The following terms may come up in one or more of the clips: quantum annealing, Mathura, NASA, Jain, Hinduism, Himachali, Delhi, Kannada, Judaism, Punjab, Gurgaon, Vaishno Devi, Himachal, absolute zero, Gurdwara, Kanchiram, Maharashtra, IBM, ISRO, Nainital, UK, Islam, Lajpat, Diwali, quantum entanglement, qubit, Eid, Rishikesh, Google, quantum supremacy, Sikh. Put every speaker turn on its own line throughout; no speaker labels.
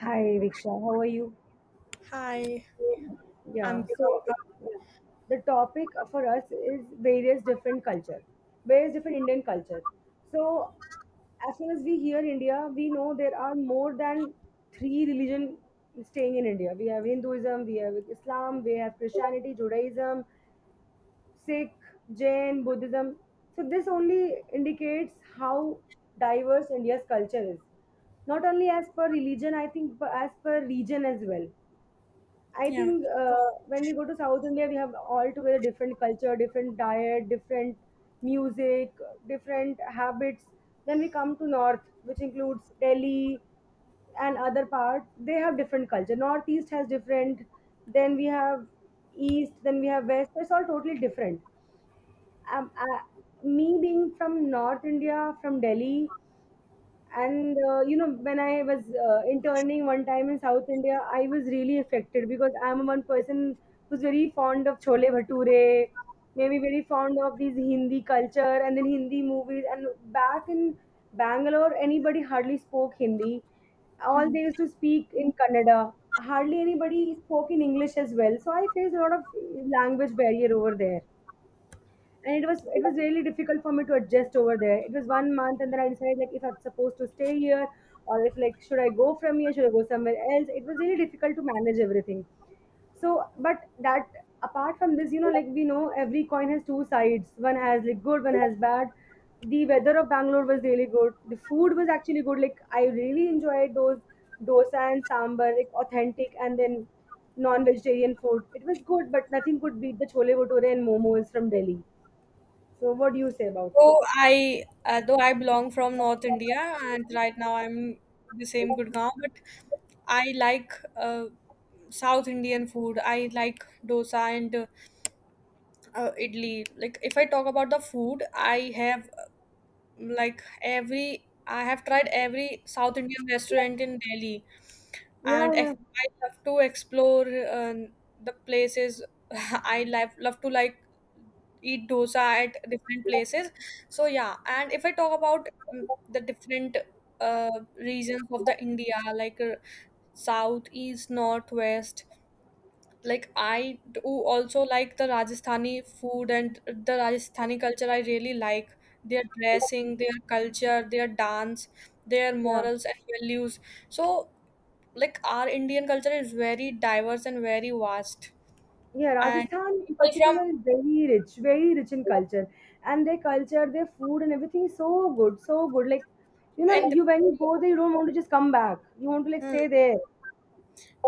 Hi, Riksha. How are you?
Hi, I'm
So, yeah, the topic for us is various different culture, various different Indian culture. So as soon as we hear India, we know there are more than three religion staying in India. We have Hinduism, we have Islam, we have Christianity, Judaism, Sikh, Jain, Buddhism. So this only indicates how diverse India's culture is. Not only as per religion, I think, but as per region as well. I
yeah.
think When we go to South India, we have altogether different culture, different diet, different music, different habits. Then we come to North, which includes Delhi and other parts. They have different culture. Northeast has different. Then we have East. Then we have West. So it's all totally different. Um, I, Me being from North India, from Delhi, and you know when I was interning one time in South India, I was really affected because I'm one person who's very fond of chole bhature, maybe very fond of these Hindi culture and then Hindi movies. And back in Bangalore, anybody hardly spoke Hindi, all
Hmm.
they used to speak in Kannada. Hardly anybody spoke in English as well, so I faced a lot of language barrier over there. And it was really difficult for me to adjust over there. It was 1 month, and then I decided like if I'm supposed to stay here or if like should I go from here, should I go somewhere else. It was really difficult to manage everything. So but that, apart from this, you know, like we know every coin has two sides, one has like good, one has bad. The weather of Bangalore was really good, the food was actually good, like I really enjoyed those dosa and sambar, like authentic, and then non-vegetarian food, it was good, but nothing could beat the chole bhature and momos from Delhi. So what do you say about it?
Though I belong from North India and right now I'm the same Gurgaon, but I like South Indian food. I like dosa and idli. Like if I talk about the food, I have tried every South Indian restaurant in Delhi,
Yeah,
and
yeah,
I love to explore the places. I love to like eat dosa at different places. So yeah, and if I talk about the different uh, regions of the India, like south, east, north, west. Like I do also like the Rajasthani food and the Rajasthani culture. I really like their dressing, their culture, their dance, their
yeah.
morals and values. So like our Indian culture is very diverse and very vast,
Yeah,
and
Rajasthan in
people from
particular is very rich in culture. And their culture, their food and everything is so good, so good. Like, you know,
and
you when you go there, you don't want to just come back. You want to like
hmm.
stay there.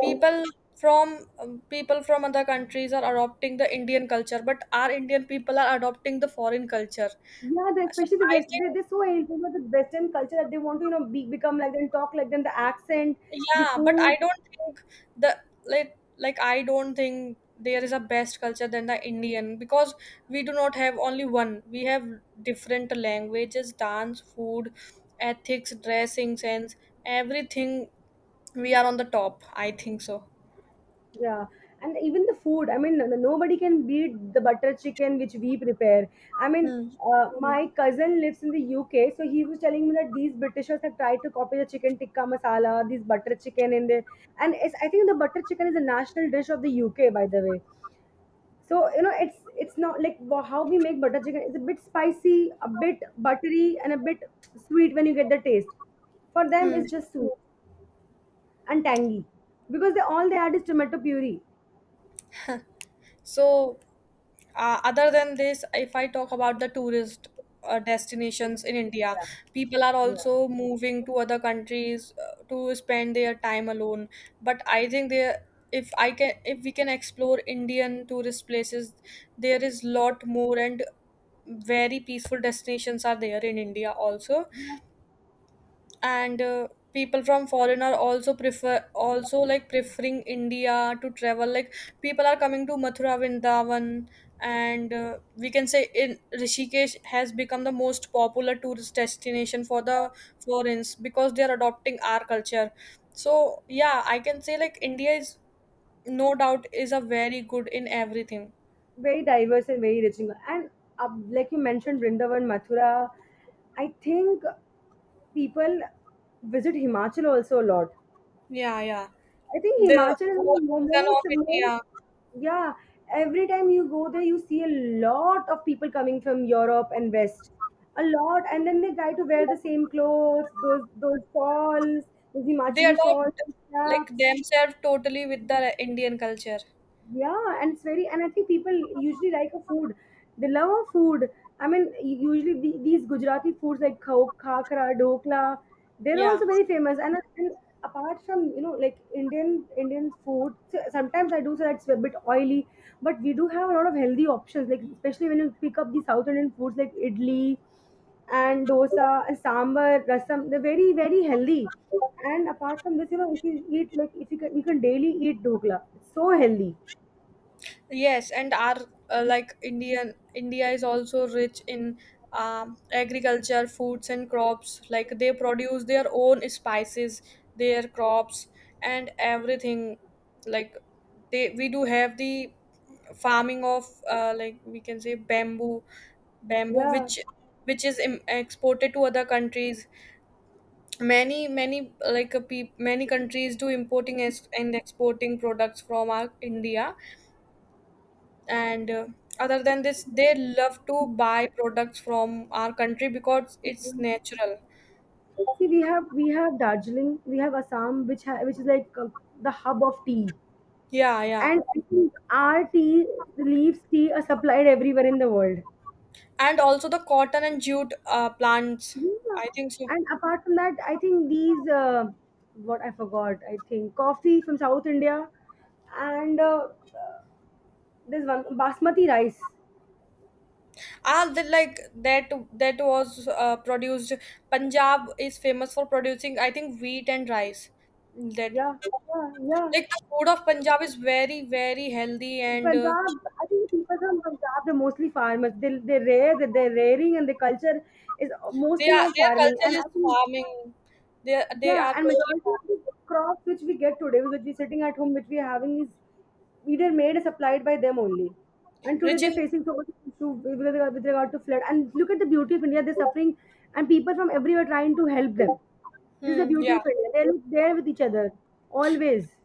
people people from other countries are adopting the Indian culture, but our Indian people are adopting the foreign culture.
Yeah,
So
especially the
I
West,
think,
they're so into the Western culture that they want to, you know, become like them, talk like them, the accent, the
yeah, but I
food.
don't think the like I don't think there is a best culture than the Indian, because we do not have only one, we have different languages, dance, food, ethics, dressing sense, everything. We are on the top, I think so.
Yeah, and even the food. I mean, nobody can beat the butter chicken which we prepare. I mean,
hmm.
my cousin lives in the UK, so he was telling me that these Britishers have tried to copy the chicken tikka masala, these butter chicken in there, and it's, I think the butter chicken is a national dish of the UK, by the way. So you know, it's not like how we make butter chicken. It's a bit spicy, a bit buttery, and a bit sweet when you get the taste. For them,
Hmm.
it's just sweet and tangy because they all they add is tomato puree.
so other than this, if I talk about the tourist destinations in India,
Yeah.
people are
Yeah.
also moving to other countries to spend their time alone. But I think there, if we can explore Indian tourist places, there is lot more, and very peaceful destinations are there in India also. And people from foreign are also preferring India to travel. Like people are coming to Mathura, Vrindavan, and we can say in Rishikesh has become the most popular tourist destination for the foreigners because they are adopting our culture. So yeah, I can say like India is no doubt is a very good in everything.
Very diverse and very rich. And like you mentioned, Vrindavan, Mathura, I think people visit Himachal also a lot.
Yeah.
I think
The
Himachal is
whole
the
reason
most,
of
most,
India.
yeah. Every time you go there, you see a lot of people coming from Europe and West, a lot, and then they try to wear the same clothes, those shawls, those
They
Himachali shawls,
adopt like
caps.
themselves totally with the Indian culture.
Yeah, and it's very, and I think people usually like a food, they love a food. I mean, usually these Gujarati foods like khakra, dokla, they're
Yeah.
also very famous. And apart from, you know, like Indian Indian food. So sometimes I do say that's a bit oily, but we do have a lot of healthy options, like especially when you pick up the South Indian foods like idli and dosa and sambar, rasam, they're very very healthy. And apart from this, you know, if you eat like, if you can, you can daily eat dokla, it's so healthy.
Yes, and our like Indian India is also rich in agriculture, foods and crops. Like they produce their own spices, their crops and everything. Like they we do have the farming of like we can say bamboo,
Yeah.
which exported to other countries. Many many like peop many countries do importing and exporting products from our India. And other than this, they love to buy products from our country because it's natural.
See, we have Darjeeling, we have Assam, which is like the hub of tea,
Yeah,
and I think our tea leaves, tea, are supplied everywhere in the world.
and also the cotton and jute plants,
Yeah.
I think so.
And apart from that, I think these what I forgot. I think coffee from South India, and there's one basmati rice.
Ah, the, like that was produced. Punjab is famous for producing, I think, wheat and rice. that
Yeah, yeah, yeah.
like the food of Punjab is very very healthy, and
Punjab, I think the people from Punjab, they're mostly farmers. They rear, that they're rearing, and the culture is
they
mostly
are
on
their
farming. And
culture is
I think,
farming. They they
yeah,
are
and
totally
majority of the crops which we get today, which we're sitting at home, which we're having is either made or supplied by them only. And today
rich in
they're facing so much issue with regard to flood. And look at the beauty of India, they're suffering and people from everywhere trying to help them. This is the beauty
yeah,
of India. They're there with each other, always.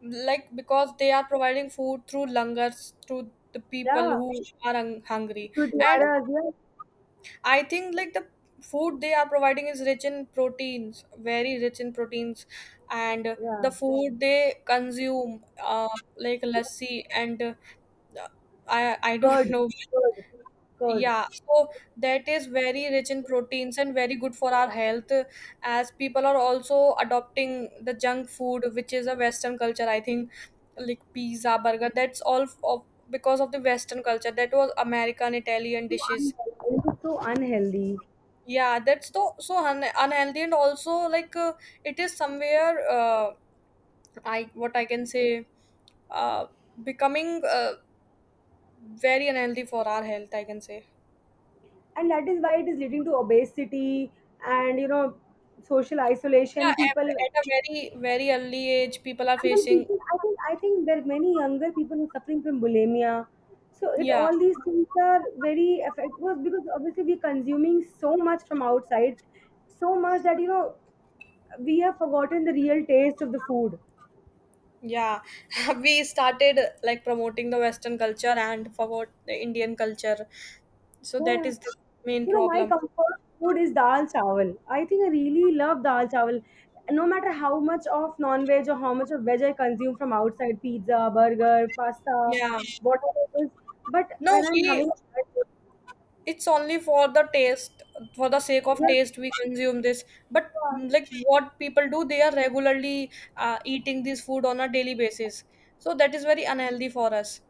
like because they are providing food through langars to the people
Yeah,
who are hungry. And
Gurdwaras, yeah.
I think like the food they are providing is rich in proteins, very rich in proteins. And the
Yeah.
food they consume, like lassi and I don't
Curd,
know.
curd, curd.
Yeah, so that is very rich in proteins and very good for our health, as people are also adopting the junk food, which is a Western culture, I think, like pizza, burger, that's all f- of because of the Western culture. That was American, Italian
So
dishes.
unhealthy. It is so unhealthy,
Yeah, that's so so un unhealthy, and also like it is somewhere, I what I can say uh, becoming very unhealthy for our health, I can say.
and that is why it is leading to obesity and, you know, social
Yeah,
isolation. People, and
at a very, very early age, people are
then
facing.
people, I think, there are many younger people who are suffering from bulimia. So it
Yeah,
all these things are very effective because obviously we're consuming so much from outside, so much that you know we have forgotten the real taste of the food.
yeah. We started like promoting the Western culture and forgot the Indian culture. So that
Yeah.
is the main
You know, my
problem.
comfort food is dal chawal. I think I really love dal chawal. No matter how much of non-veg or how much of veg I consume from outside, pizza, burger, pasta,
Yeah.
whatever it is. But
No,
when I'm
we.
having a bad day,
It's only for the taste, for the sake of
yeah,
taste, we consume this. But
yeah,
like what people do, they are regularly eating this food on a daily basis. So that is very unhealthy for us.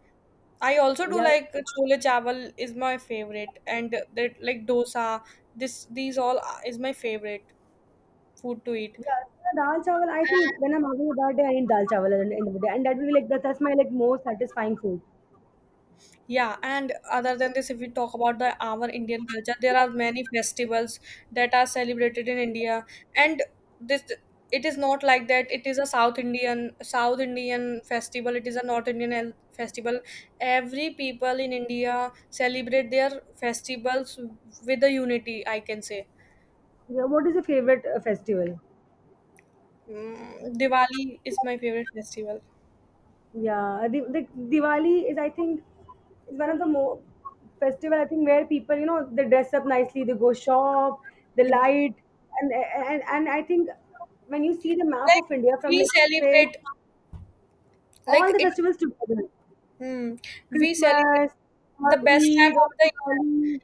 I also do
yeah,
like chole chawal is my favorite, and that like dosa. This these all are- is my favorite food to eat.
yeah. So dal chawal, I think when I'm having a bad day, I eat dal chawal at the end of the day. And that will be like, that's my like most satisfying food.
Yeah, and other than this, if we talk about the our Indian culture, there are many festivals that are celebrated in India, and this it is not like that. It is a South Indian festival. It is a North Indian festival. Every people in India celebrate their festivals with a unity, I can say.
Yeah, what is your favorite festival?
Diwali is my favorite festival.
Yeah, the Diwali is, I think, is one of the more festival, I think, where people, you know, they dress up nicely, they go shop, the light, and I think when you see the map
Like
of India from
we
like, say,
celebrate,
all
like
the
it,
festivals together,
mm, We celebrate
Christmas
the
or
best time
Eid or
of the year.
Diwali,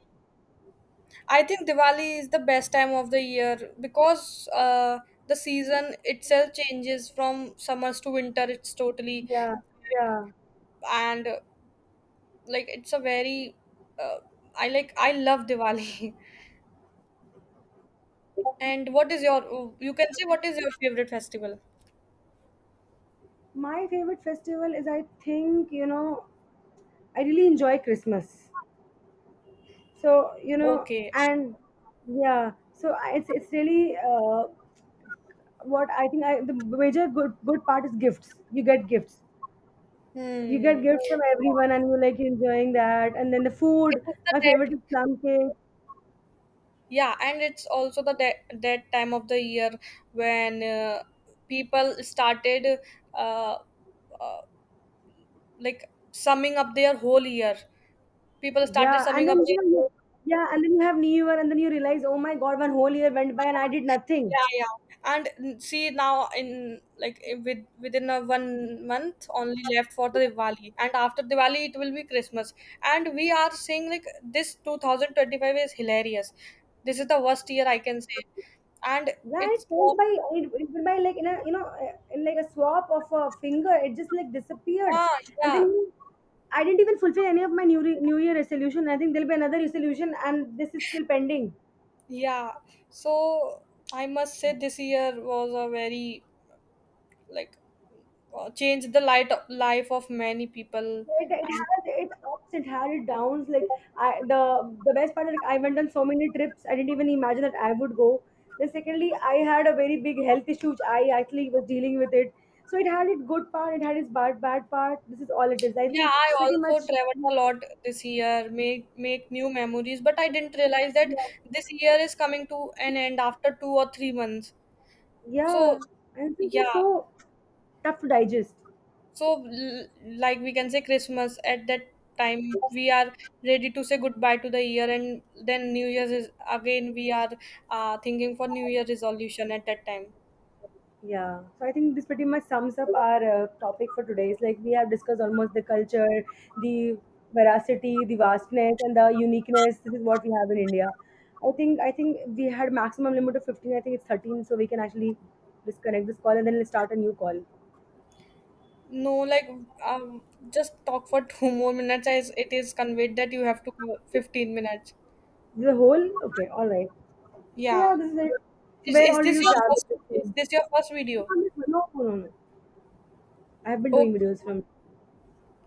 I think Diwali is the best time of the year, because the season itself changes from summers to winter. It's totally,
yeah, yeah.
and like it's a very. Uh, I I love Diwali. And what is your? You can say, what is your favorite festival?
My favorite festival is, I think, you know, I really enjoy Christmas. So you know,
Okay.
and yeah, so it's really what I think, I the major good part is gifts. You get gifts.
Hmm.
You get
It
gifts from everyone, and you're like enjoying that. And then the
is
food.
the
My favorite
red.
is plum cake.
Yeah, and it's also the that time of the year when people started uh, uh, like summing up their whole year. People started
Yeah, and
summing up
then you
their
know, yeah, and then you have New Year, and then you realize, oh my God, one whole year went by and I did nothing.
yeah, yeah. And see, now with within a 1 month only left for the Diwali, and after Diwali it will be Christmas. And we are seeing like this 2025 is hilarious. This is the worst year, I can say, and
Yeah, it
it's
went by. It went by like in a, you know, in like a swap of a finger. It just like disappeared,
ah
and then
yeah.
you, I didn't even fulfill any of my New Year resolution. I think there'll be another resolution, and this is still pending.
Yeah, so I must say this year was a very like changed the light life of many people,
It
and
has its ups, it had its downs. Like I, the best part is like I went on so many trips. I didn't even imagine that I would go. Then secondly, I had a very big health issue, which I actually was dealing with it. So it had its good part. It had its bad part. This is all it is, I
yeah,
think,
I
pretty
also
much.
traveled a lot this year, make new memories. But I didn't realize that
Yeah,
this year is coming to an end after 2 or 3 months. So
yeah. And it's like
yeah,
so tough to digest.
So, l- like we can say Christmas at that time, we are ready to say goodbye to the year, and then New Year's is again we are thinking for New Year resolution at that time.
Yeah, so I think this pretty much sums up our topic for today. It's like we have discussed almost the culture, the veracity, the vastness, and the uniqueness. This is what we have in India. I think we had maximum limit of 15. I think it's 13, so we can actually disconnect this call and then let's start a new call.
No, like um, just talk for two more minutes, as it is conveyed that you have to go 15 minutes.
The whole, okay, all right. So
Yeah.
yeah, this is it. So where
Is
all did
this
you
your
travel
first
to?
video?
No, no, no, no. I have been doing
Okay,
videos from.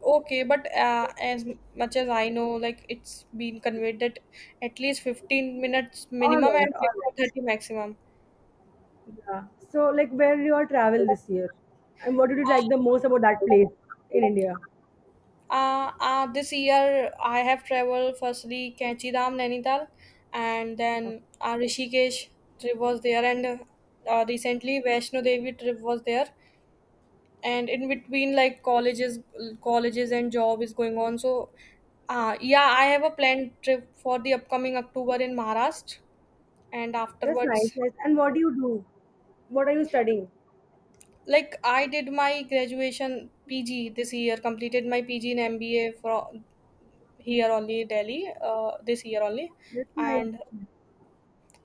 okay, but as much as I know, like it's been conveyed that at least 15 minutes
All
minimum
right,
and
all
6
right.
for 30 maximum.
Yeah. So, like, where did you all travel this year? And what did you like the most about that place in India?
This year I have traveled firstly Kanchiram, Nainital, and then Rishikesh trip was there, and recently Vaishno Devi trip was there, and in between like colleges and job is going on. So, yeah, I have a planned trip for the upcoming October in Maharashtra, and
That's nice,
afterwards,
nice. And what do you do? What are you studying?
like I did my graduation PG this year, completed my PG in MBA for here only Delhi this year only,
That's nice.
and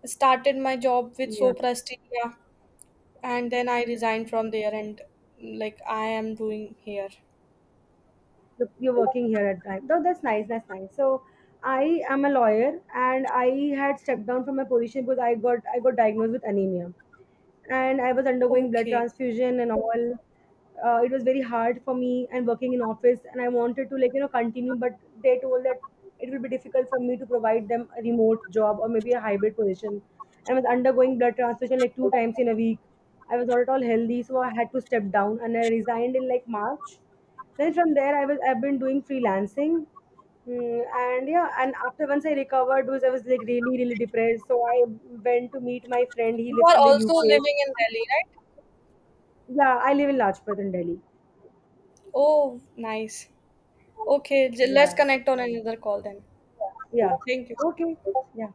started my job with
Yeah.
Sopra Steria, and then I resigned from there and like I am doing here.
So you're working here at time. Though that's nice, that's nice. So I am a lawyer, and I had stepped down from my position because I got diagnosed with anemia, and I was undergoing blood
Okay.
transfusion and all. It was very hard for me and working in office, and I wanted to like, you know, continue, but they told that it will be difficult for me to provide them a remote job or maybe a hybrid position. I was undergoing blood transfusion like 2 times in a week. I was not at all healthy, so I had to step down, and I resigned in like March. Then from there, I've been doing freelancing. Mm, and yeah, and after once I recovered because I was like really, really depressed. So I went to meet my friend. He
You
lives
are
in the
also
UK.
living in Delhi, right?
Yeah, I live in Lajpat in Delhi.
Oh, nice. Okay, let's
Yeah.
connect on another call then.
Yeah.
Thank you.
Okay. Yeah.